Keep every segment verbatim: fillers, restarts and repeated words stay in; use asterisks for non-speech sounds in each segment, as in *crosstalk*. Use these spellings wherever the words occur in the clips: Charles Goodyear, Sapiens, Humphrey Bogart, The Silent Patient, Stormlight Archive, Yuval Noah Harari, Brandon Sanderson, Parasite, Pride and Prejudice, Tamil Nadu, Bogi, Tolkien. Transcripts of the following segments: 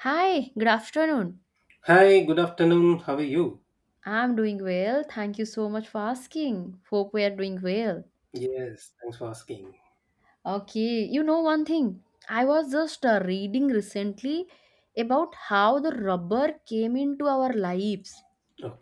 Hi, good afternoon. Hi, good afternoon. How are you? I'm doing well. Thank you so much for asking. Hope we are doing well. Yes, thanks for asking. Okay, you know one thing. I was just uh, reading recently about how the rubber came into our lives.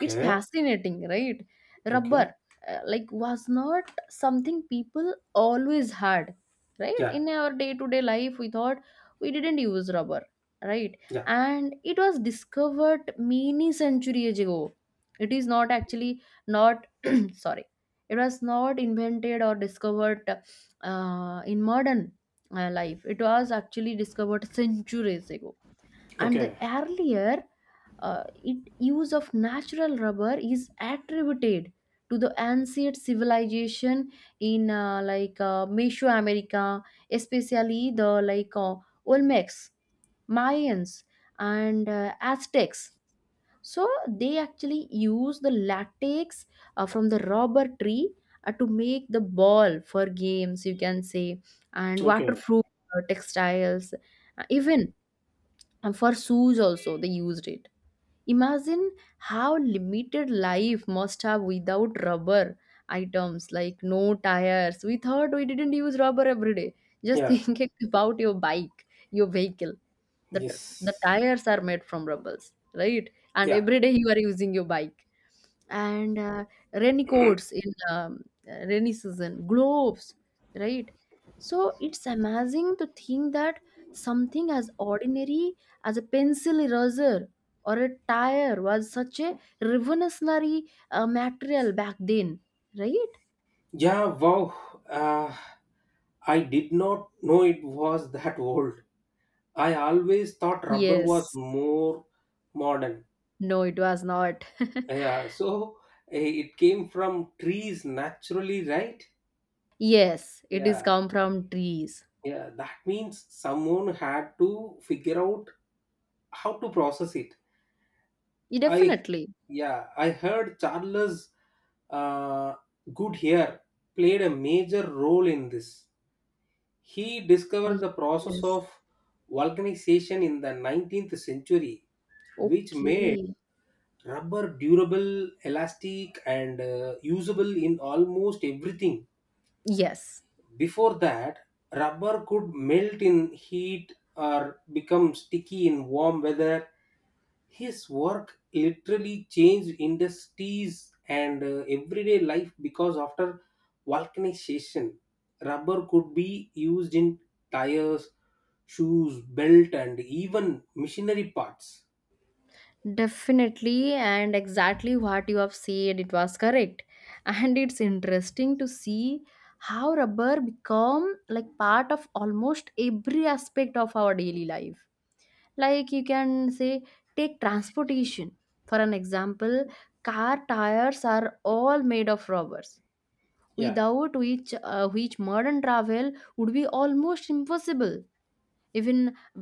It's fascinating, right? okay. Rubber, uh, like, was not something people always had, right? Yeah, In our day to day life, we thought we didn't use rubber, right? yeah. And it was discovered many centuries ago. It is not actually not, *clears throat* sorry, it was not invented or discovered uh, in modern uh, life. It was actually discovered centuries ago, and the Okay, earlier uh, it use of natural rubber is attributed to the ancient civilization in uh, like, uh, Mesoamerica, especially the like, uh, Olmecs, Mayans, and uh, Aztecs. So they actually use the latex uh, from the rubber tree uh, to make the ball for games, you can say, and okay. waterproof uh, textiles. Uh, even and for shoes also they used it. Imagine how limited life must have without rubber items like no tires. We thought we didn't use rubber every day. Just Yeah, think *laughs* about your bike, your vehicle, the, the yes. tires are made from rubbers, right? And Yeah, every day you are using your bike, and uh, raincoats in um, rainy season, gloves, right? So it's amazing to think that something as ordinary as a pencil eraser or a tire was such a revolutionary uh, material back then, right? yeah. Wow. Uh, I did not know it was that old. I always thought rubber was Yes. more modern. No, it was not. Yeah, *laughs* so eh, it came from trees naturally, right? *laughs* Yes, it is Yeah, come from trees. yeah. That means someone had to figure out how to process it. Yeah, I definitely. Yeah, I heard Charles uh, Goodyear played a major role in this. He Oh, discovered the process yes. of vulcanization in the nineteenth century, which made Okay. rubber durable, elastic, and uh, usable in almost everything. Yes. Before that, rubber could melt in heat or become sticky in warm weather. His work literally changed industries and uh, everyday life because after vulcanization, rubber could be used in tires, shoes, belt, and even machinery parts. Definitely, and exactly what you have said, it was correct. And it's interesting to see how rubber become like part of almost every aspect of our daily life. Like you can say, take transportation. For an example, car tires are all made of rubbers, Yeah, without which uh, which modern travel would be almost impossible. Even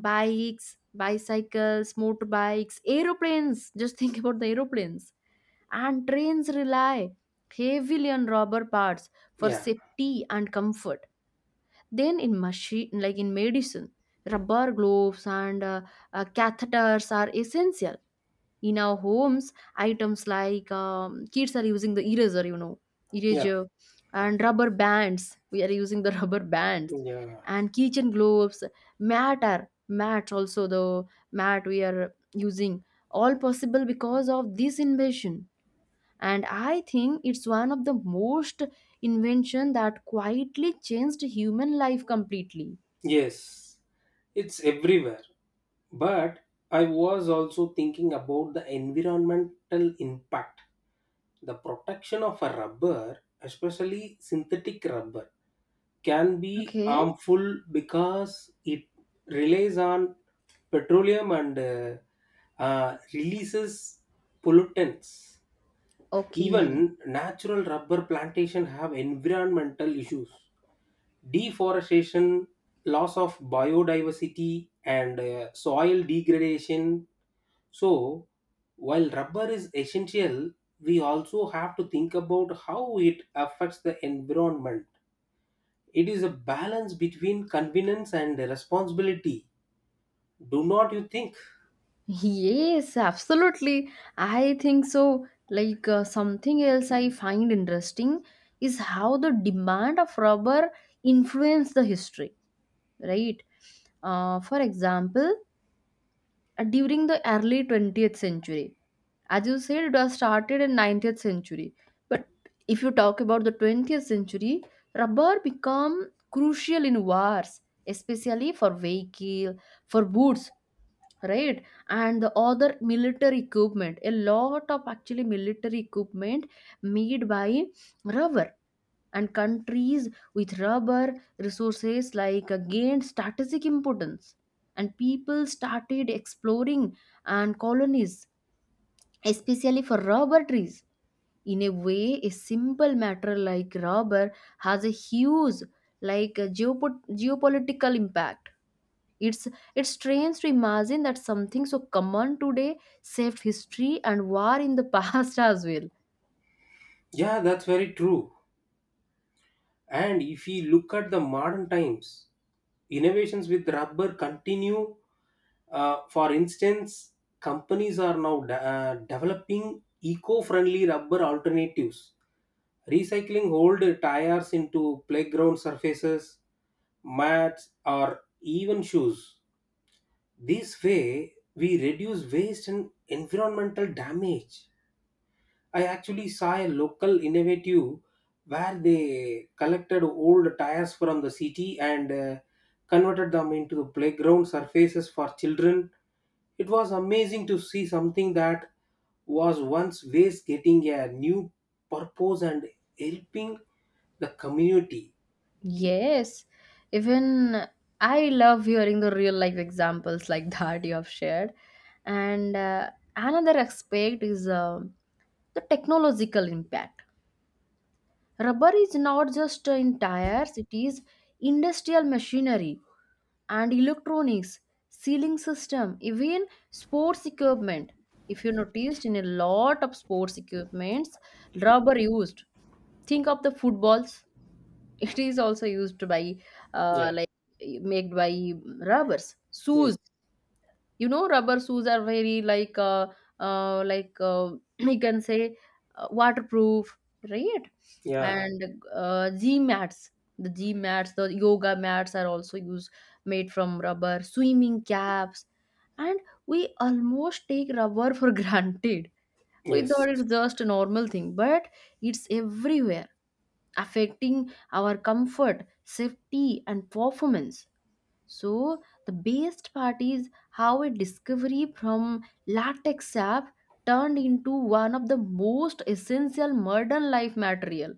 bikes, bicycles, motorbikes, aeroplanes. *laughs* Just think about the aeroplanes and trains, rely heavily on rubber parts for yeah, safety and comfort. Then in machine, like in medicine, rubber gloves and uh, uh, catheters are essential. In our homes, items like um, kids are using the eraser you know yeah, eraser, and rubber bands. We are using the *laughs* rubber bands yeah. and kitchen gloves, mat are mats, also the mat we are using, all possible because of this invention. And I think it's one of the most invention that quietly changed human life completely. Yes, it's everywhere. But I was also thinking about the environmental impact. The protection of a rubber, especially synthetic rubber, can be Okay. harmful because it relies on petroleum and uh, uh, releases pollutants. Okay. Even natural rubber plantation have environmental issues. Deforestation, loss of biodiversity, and uh, soil degradation. So, while rubber is essential, we also have to think about how it affects the environment. It is a balance between convenience and responsibility. Do not you think? Yes, absolutely. I think so. Like uh, something else I find interesting is how the demand of rubber influenced the history, right? Uh, for example, uh, during the early twentieth century, as you said it was started in nineteenth century, but if you talk about the twentieth century, rubber become crucial in wars, especially for vehicle, for boots, right? And the other military equipment, a lot of actually military equipment made by rubber. And countries with rubber resources like uh, gained strategic importance, and people started exploring and colonies especially for rubber trees. In a way, a simple matter like rubber has a huge, like a geopo- geopolitical impact. It's it's strange to imagine that something so common today saved history and war in the *laughs* past as well. Yeah, that's very true. And if we look at the modern times, innovations with rubber continue. Uh, for instance, companies are now de- uh, developing eco-friendly rubber alternatives, recycling old tires into playground surfaces, mats, or even shoes. This way, we reduce waste and environmental damage. I actually saw a local innovative where they collected old tires from the city and uh, converted them into the playground surfaces for children. It was amazing to see something that was once waste getting a new purpose and helping the community. Yes, even I love hearing the real life examples like *laughs* that you have shared. And uh, another aspect is um the technological impact. Rubber is not just uh, in tires, it is industrial machinery and electronics, sealing system, even sports equipment. If you noticed, in a lot of sports equipments, rubber used. Think of the footballs, it is also used by uh, Yeah. like made by rubbers, Yes. shoes. You know, rubber shoes are very like uh, uh like uh, *clears throat* we can say uh, waterproof, right? Yeah. And uh, gym mats, the gym mats, the yoga mats are also used, made from rubber, swimming caps. And we almost take rubber for *laughs* granted. We Yes. thought it's just a normal thing, but it's everywhere, affecting our comfort, safety, and performance. So, the best part is how a discovery from latex sap turned into one of the most essential modern life material,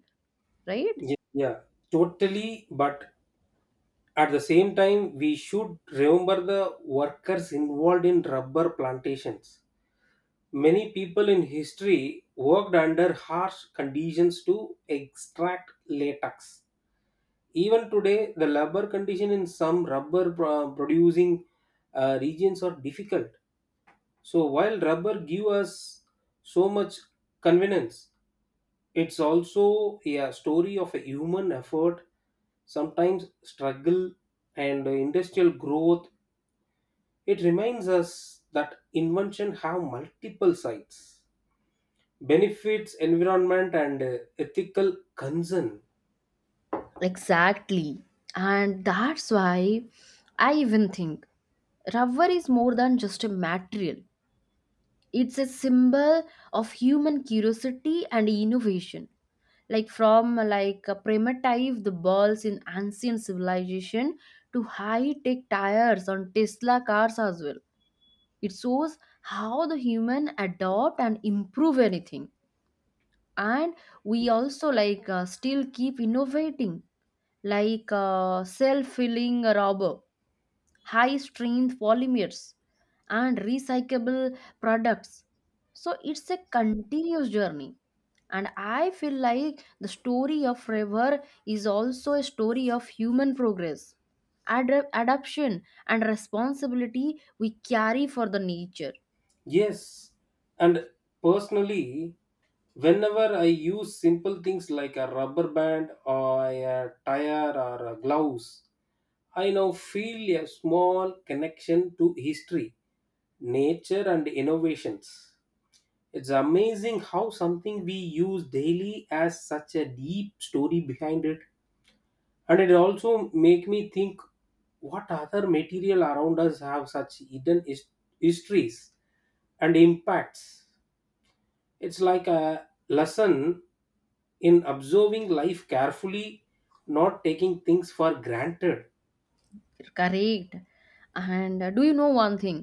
right? Ye- Yeah. Totally. But at the same time, we should remember the workers involved in rubber plantations. Many people in history worked under harsh conditions to extract latex. Even today, the labor condition in some rubber pro- producing uh, regions are difficult. So while rubber give us so much convenience, it's also a story of a human effort, sometimes struggle and industrial growth. It reminds us that invention have multiple sides, benefits, environment, and uh, ethical concern. Exactly. And that's why I even think rubber is more than just a material, it's a symbol of human curiosity and innovation. Like from uh, like uh, primitive the balls in ancient civilization to high-tech tires on Tesla cars as well. It shows how the human adopt and improve anything. And we also like uh, still keep innovating, like uh, self-filling robber, high strength polymers, and recyclable products. So it's a continuous journey, and I feel like the story of river is also a story of human progress, ad- adaption, and responsibility we carry for the nature. Yes, and personally, whenever I use simple things like a rubber band or a tire or a gloves, I now feel a small connection to history, nature, and innovations. It's amazing how something we use daily has such a deep story behind it, and it also make me think what other material around us have such hidden his- histories and impacts. It's like a lesson in observing life carefully, not taking things for granted. Correct. And uh, do you know one thing,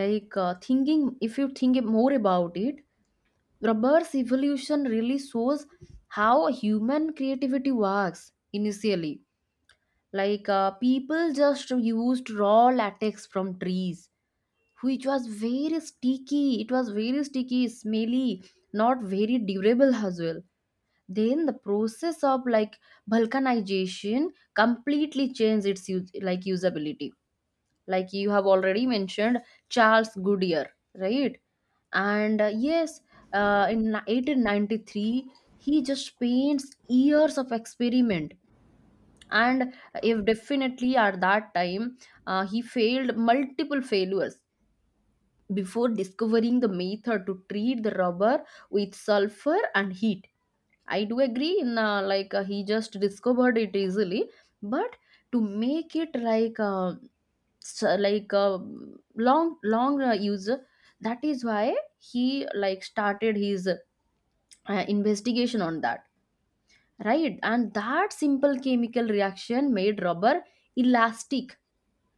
like uh, thinking, if you think more about it, Rubber's evolution really shows how human creativity works initially. Like uh, people just used raw latex from trees, which was very sticky. It was very sticky, smelly, not very durable as well. Then the process of like vulcanization completely changed its use, like usability, like you have already mentioned Charles Goodyear, right? And uh, yes, uh, in eighteen ninety-three he just paints years of experiment. And if definitely at that time, uh, he failed multiple failures before discovering the method to treat the rubber with sulfur and heat. I do agree in uh, like uh, he just discovered it easily, but to make it like uh, so, like uh, long long uh, user, that is why he like started his uh, investigation on that, right? And that simple chemical reaction made rubber elastic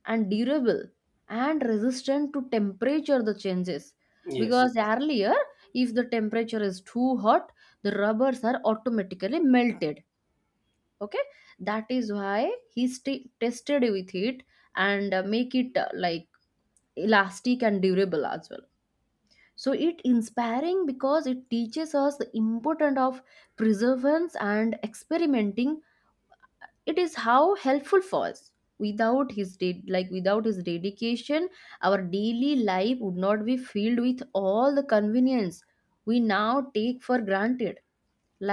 and durable and resistant to temperature the changes. Yes, Because earlier, if the temperature is too hot, the rubbers are automatically melted. Okay, that is why he st- tested with it and uh, make it uh, like elastic and durable as well. So it inspiring because it teaches us the importance of perseverance and experimenting. It is how helpful for us. Without his de- like without his dedication, our daily life would not be filled with all the convenience we now take for granted.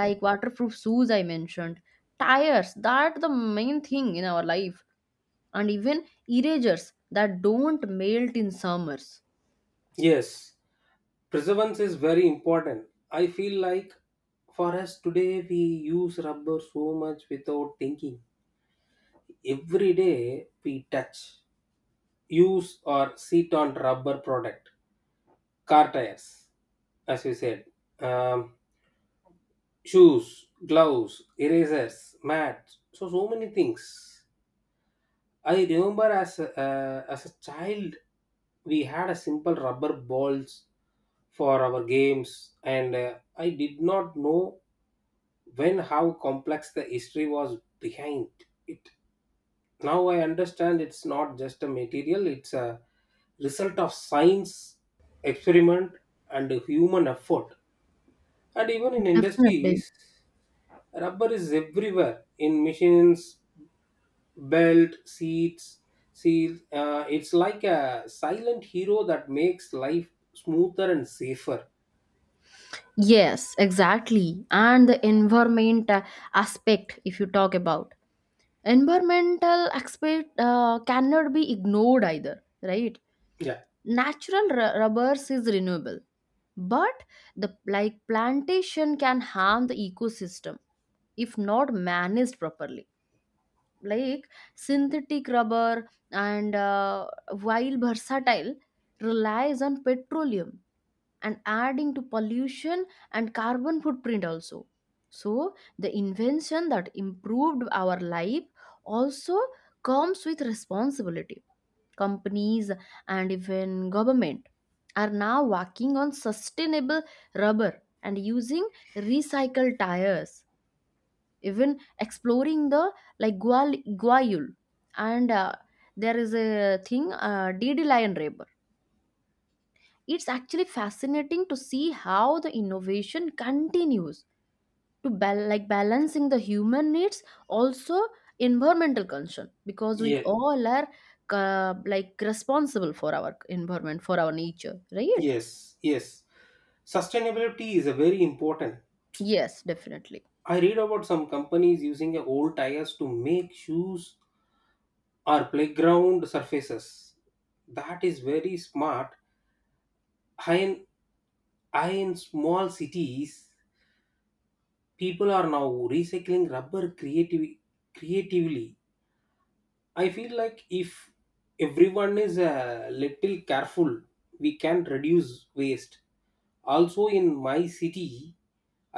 Like waterproof shoes I mentioned, tires, that the main thing in our life, and even erasers that don't melt in summers. yes, preservance is very important. I feel like for us today we use rubber so much without thinking. Every day we touch, use or sit on rubber product, car tires, as you said, um, shoes, gloves, erasers, mats. So so many things. I remember as a, uh, as a child, we had a simple rubber balls for our games, and uh, I did not know when how complex the history was behind it. Now I understand it's not just a material; it's a result of science, experiment, and human effort. And even in Definitely. industries, rubber is everywhere in machines, belt, seats, seals. Uh, it's like a silent hero that makes life smoother and safer. Yes, exactly. And the environment uh, aspect, if you talk about environmental aspect, uh, cannot be ignored either, right? Yeah. Natural ru- rubbers is renewable, but the like plantation can harm the ecosystem if not managed properly. Like synthetic rubber and uh, while versatile, relies on petroleum and adding to pollution and carbon footprint also. So the invention that improved our life also comes with responsibility. Companies and even government are now working on sustainable rubber and using recycled tires, even exploring the like gual guayul, and uh, there is a thing uh, dd lion rubber. It's actually fascinating to see how the innovation continues to bal- like balancing the human needs, also environmental concern, because we Yeah. all are uh, like responsible for our environment, for our nature, right? Yes. Yes. Sustainability is a very important. Yes, definitely. I read about some companies using a old tires to make shoes or playground surfaces. That is very smart. I in, I in small cities, people are now recycling rubber creativ- creatively. I feel like if everyone is a little careful, we can reduce waste. Also in my city,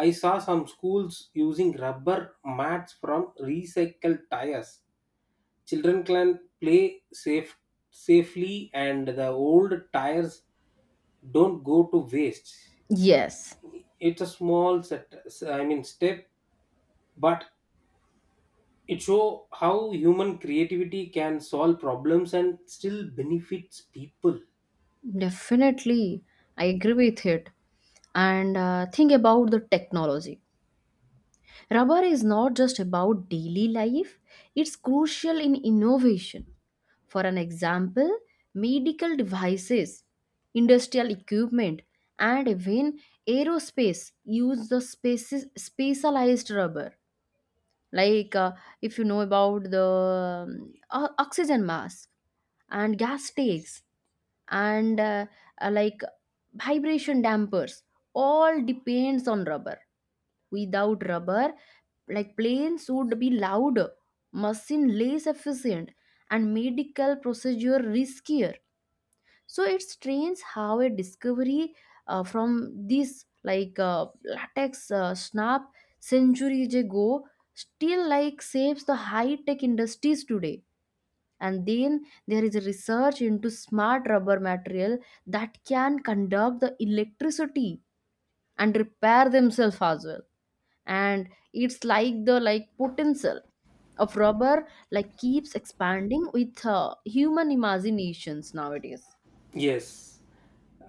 I saw some schools using rubber mats from recycled tires. Children can play safe safely and the old tires don't go to waste. Yes, It's a small set, I mean, step, but it show how human creativity can solve problems and still benefits people. definitely, I agree with it. And uh, think about the technology. Rubber is not just about daily life, it's crucial in innovation. For an example, medical devices, industrial equipment, and even aerospace use the spaces, specialized rubber. Like uh, if you know about the um, o- oxygen mask and gas tanks and uh, uh, like vibration dampers, all depends on rubber. Without rubber, like planes would be louder, machine less efficient, and medical procedure riskier. So it's strange how a discovery uh, from this like uh, latex uh, snap centuries ago still like saves the high tech industries today. And then there is research into smart rubber material that can conduct the electricity and repair themselves as well. And it's like the like potential of rubber like keeps expanding with uh, human imaginations nowadays. Yes,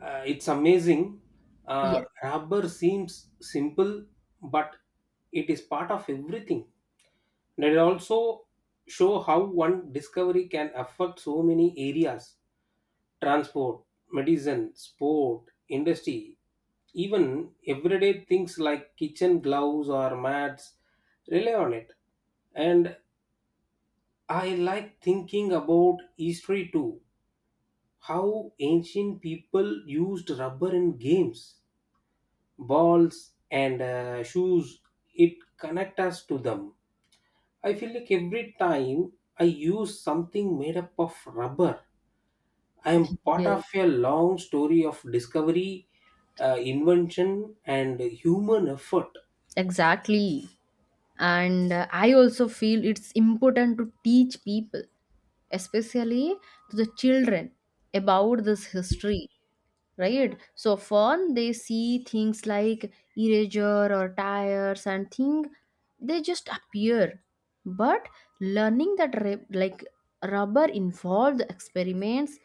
uh, it's amazing. Uh, yes. Rubber seems simple, but it is part of everything. And it also show how one discovery can affect so many areas: transport, medicine, sport, industry, even everyday things like kitchen gloves or mats rely on it. And I like thinking about history too. How ancient people used rubber in games, balls, and uh, shoes. It connects us to them. I feel like every time I use something made up of rubber, I am part Yes, of a long story of discovery, uh, invention, and human effort. exactly. And uh, I also feel it's important to teach people, especially to the children, about this history, right? So often they see things like erasure or tires and thing, they just appear, but learning that re- like rubber involved experiments,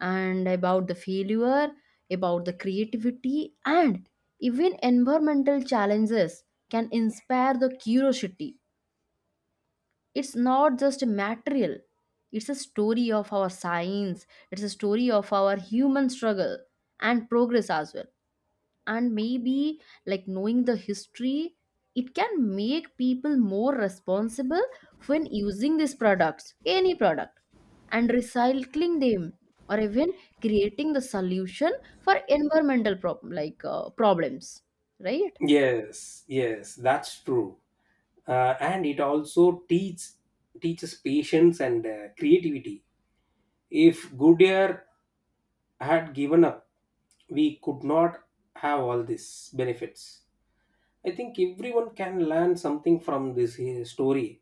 and about the failure, about the creativity, and even environmental challenges can inspire the curiosity. It's not just material, it's a story of our science, it's a story of our human struggle and progress as well. And maybe like knowing the history, it can make people more responsible when using these products, any product, and recycling them, or even creating the solution for environmental problem like uh, problems, right? Yes, yes, that's true. Uh, and it also teach, teaches patience and uh, creativity. If Goodyear had given up, we could not have all these benefits. I think everyone can learn something from this uh, story.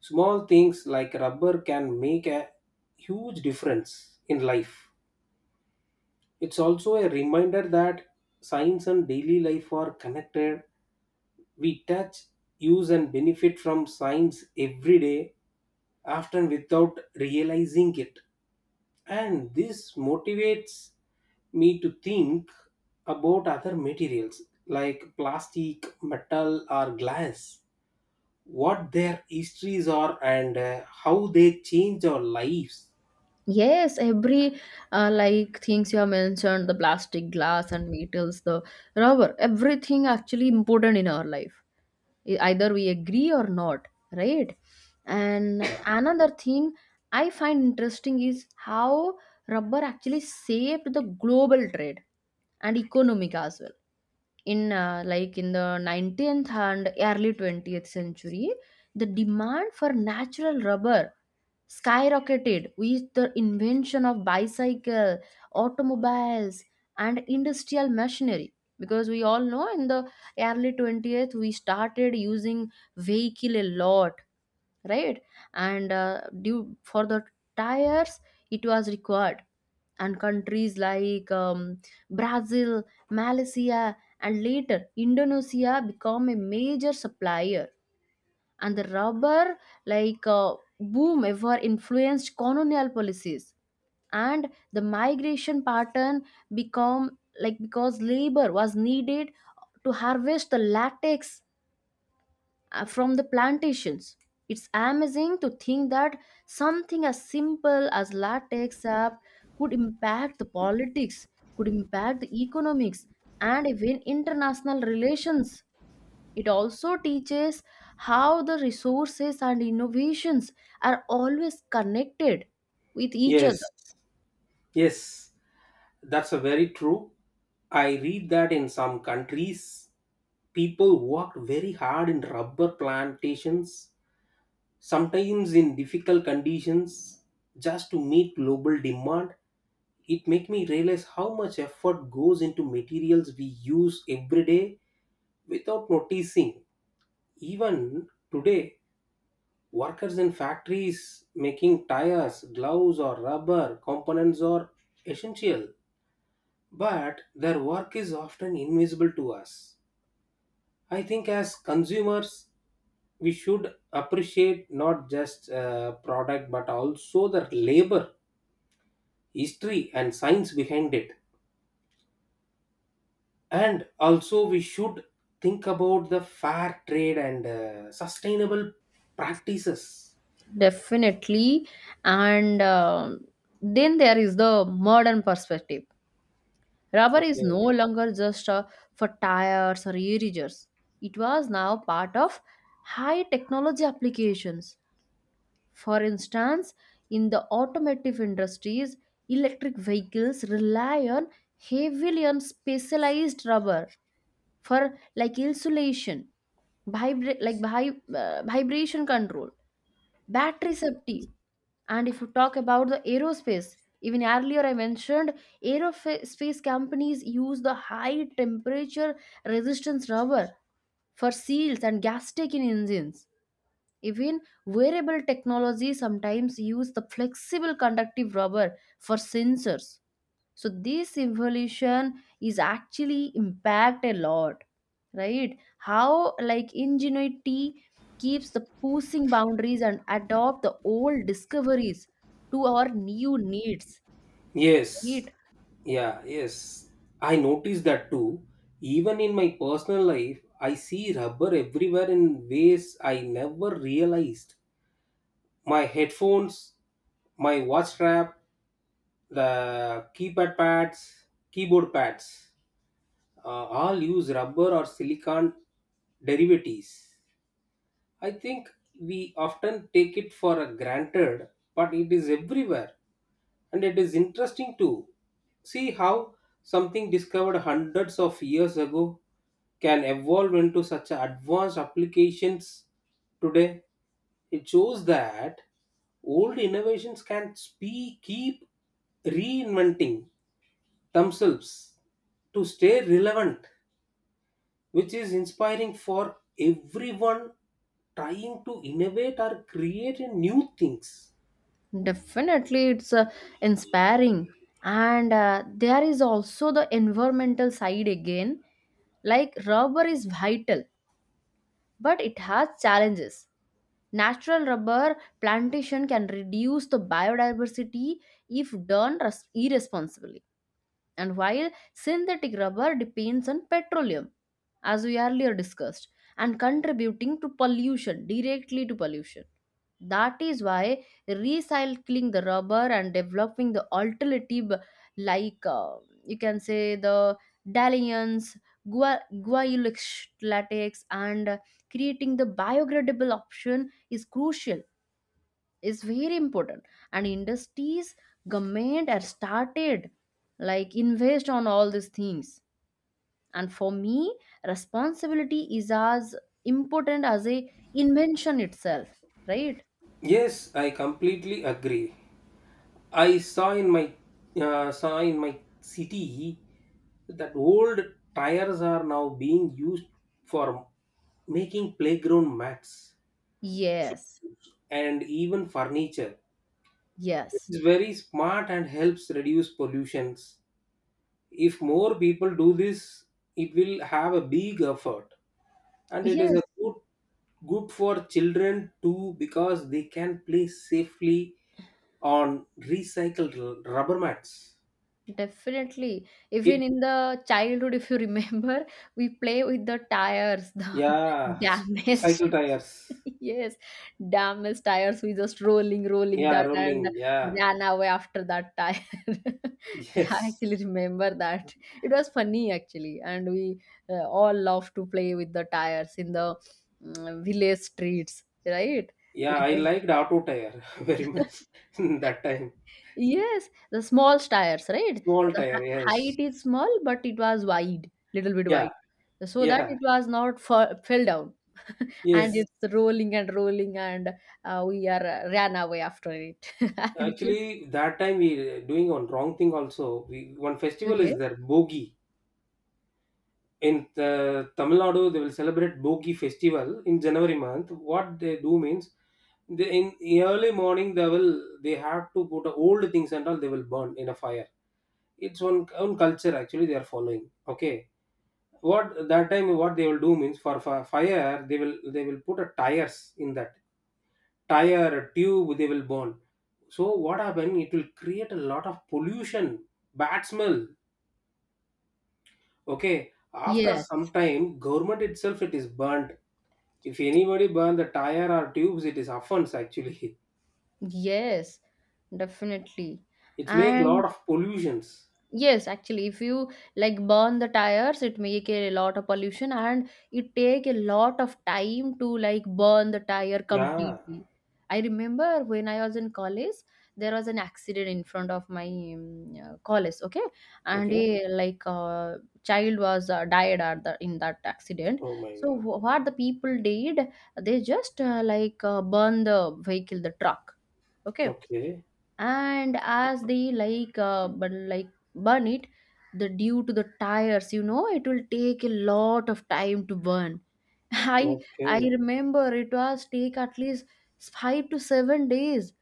Small things like rubber can make a huge difference in life. It's also a reminder that science and daily life are connected. We touch, use, and benefit from science every day, often without realizing it. And this motivates me to think about other materials like plastic, metal or glass, what their histories are, and uh, how they change our lives. Yes, every uh, like things you have mentioned, the plastic, glass, and metals, the rubber, everything actually important in our life. E- Either we agree or not, right? And Yeah, another thing I find interesting is how rubber actually saved the global trade and economic as well in uh, like in the nineteenth and early twentieth century the demand for natural rubber skyrocketed with the invention of bicycle, automobiles, and industrial machinery, because we all know in the early twentieth we started using vehicle a lot, right? And uh, due for the tires it was required. And countries like um, brazil, malaysia, and later indonesia become a major supplier. And the rubber like uh, boom ever influenced colonial policies and the migration pattern, become like because labor was needed to harvest the latex uh, from the plantations. It's amazing to think that something as simple as latex app could impact the politics, could impact the economics, and even international relations. It also teaches how the resources and innovations are always connected with each other. yes, yes, that's a very true. I read that in some countries, people worked very hard in rubber plantations, sometimes in difficult conditions, just to meet global demand. It make me realize how much effort goes into materials we use every day without noticing. Even today, workers in factories making tires, gloves or rubber components are essential, but their work is often invisible to us. I think as consumers, we should appreciate not just uh, product but also the labor, history and science behind it. And also we should think about the fair trade and uh, sustainable practices. Definitely. And um then there is the modern perspective. Rubber is Okay. no longer just uh, for tires or erasers. It was now part of high technology applications. For instance, in the automotive industries, electric vehicles rely on heavily on specialized rubber for like insulation, vibra- like vi- uh, vibration control, battery safety, and if you talk about the aerospace, even earlier I mentioned aerospace companies use the high temperature resistance rubber for seals and gas tank in engines. Even wearable technology sometimes use the flexible conductive rubber for sensors. So this evolution is actually impact a lot, right? How like ingenuity keeps the pushing boundaries and adopt the old discoveries to our new needs, Yes, right? yeah, yes, I noticed that too. Even in my personal life, I see rubber everywhere in ways I never realized. My headphones, my watch strap, the keypad pads keyboard pads, uh, all use rubber or silicon derivatives. I think we often take it for a granted, but it is everywhere and it is interesting too. See how something discovered hundreds of years ago can evolve into such advanced applications today. It shows that old innovations can spe- keep reinventing themselves to stay relevant, which is inspiring for everyone trying to innovate or create a new things. Definitely, it's uh, inspiring. And uh, there is also the environmental side again. Like rubber is vital but it has challenges. Natural rubber plantation can reduce the biodiversity if done res- irresponsibly, and while synthetic rubber depends on petroleum, as we earlier discussed, and contributing to pollution, directly to pollution. That is why recycling the rubber and developing the alternative, like uh, you can say the dalliance, gua- guayulic latex, and creating the biodegradable option is crucial, is very important. And industries, government are started like invest on all these things. And for me, responsibility is as important as a invention itself, right? Yes, I completely agree. I saw in my uh, saw in my city that old tires are now being used for making playground mats Yes, and even furniture. yes, It's very smart and helps reduce pollutions. If more people do this, it will have a big effort. And it is yes, a good good for children too because they can play safely on recycled r- rubber mats. definitely, It. even in the childhood if you *laughs* remember we play with the tires, the *laughs* Yeah, s- damaged. cycle *laughs* tires. Yes, damaged tires. We just rolling, rolling Yeah, that, and rolling. Yeah, ran away after that tire. *laughs* Yeah, I yes, actually remember that. It was funny actually, and we uh, all love to play with the tires in the mm, village streets, right? We yeah, I just liked auto tire *laughs* very much. *laughs* *laughs* That time. Yes, the small tires, right? Small The h- tire, yes. height is small, but it was wide, little bit Yeah, wide, so that yeah, it was not fa- fell down, and yes. it's rolling and rolling and uh, we are uh, ran away after it. *laughs* And you- Actually that time we uh, doing on wrong thing also. We one festival okay. is there, bogi, in the Tamil Nadu. They will celebrate Bogi festival in January month. What they do means, they in early morning they will they have to put old things and all they will burn in a fire. It's one own culture actually they are following. Okay, what that time what they will do means, for, for fire they will they will put a tires in that tire a tube they will burn. So what happened? It will create a lot of pollution, bad smell. Okay, after Yes, some time, government itself it is burnt. If anybody burn the tire or tubes, it is offense actually. yes, definitely. *laughs* It's make And lot of pollutions. yes, actually, if you like burn the tires, it make a lot of pollution and it take a lot of time to like burn the tire Yeah. completely. I remember when I was in college, there was an accident in front of my um, uh, college, okay? And Okay. a like uh, child was uh, died at the in that accident. Oh my So God. wh- what the people did, they just uh, like uh, burn the vehicle, the truck, okay? Okay. And as they like uh, but like burn it, the due to the tires you know it will take a lot of time to burn. *laughs* I I Okay. remember it was take at least five to seven days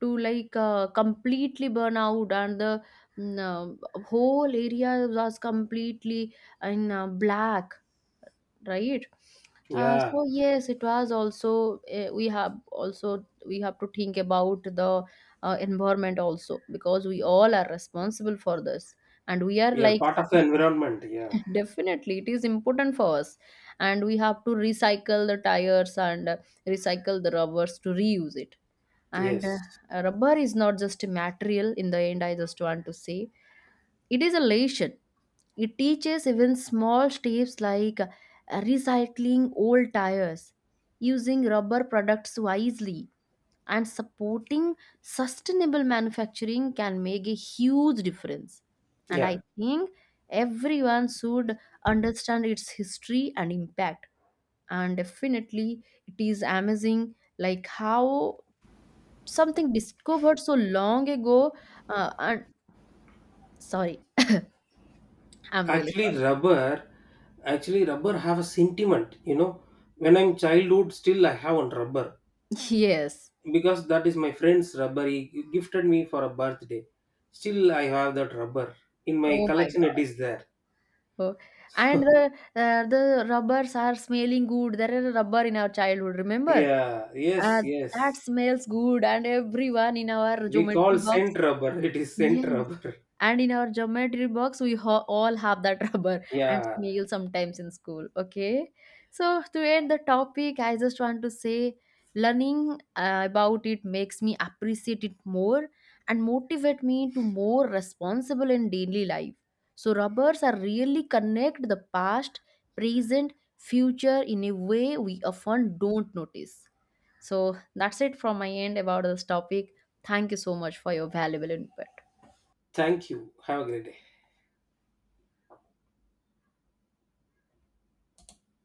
to like uh, completely burn out, and the mm, uh, whole area was completely in uh, black, right? uh, Yeah. so yes, it was also uh, we have also we have to think about the uh, environment also, because we all are responsible for this, and we are We are like part of the *laughs* environment. Yeah. definitely it is important for us, and we have to recycle the tires and uh, recycle the rubbers to reuse it. And Yes. uh, rubber is not just a material. In the end, I just want to say it is a lesson. It teaches even small steps like uh, recycling old tires, using rubber products wisely, and supporting sustainable manufacturing can make a huge difference. And Yeah. I think everyone should understand its history and impact. And definitely it is amazing like how something discovered so long ago uh, and sorry, I'm really Actually, sorry. rubber. Actually, rubber have a sentiment. You know, when I'm childhood, still I have one rubber *laughs* Yes. because that is my friend's rubber. He gifted me for a birthday. Still, I have that rubber in my Oh my collection. It god. is there. Oh. And the uh, the rubbers are smelling good. There is a rubber in our childhood, remember? Yeah. uh, Yes. that Yes. smells good, and everyone in our We geometry call box. scent rubber. *laughs* It is scent Yes. rubber. *laughs* And in our geometry box, we ho- all have that *laughs* rubber and Yeah. snail sometimes in school. Okay. So, to end the topic, I just want to say learning uh, about it makes me appreciate it more and motivate me to more responsible in daily life. So, rubbers are really connect the past, present, future in a way we often don't notice. So, that's it from my end about this topic. Thank you so much for your valuable input. Thank you. Have a great day.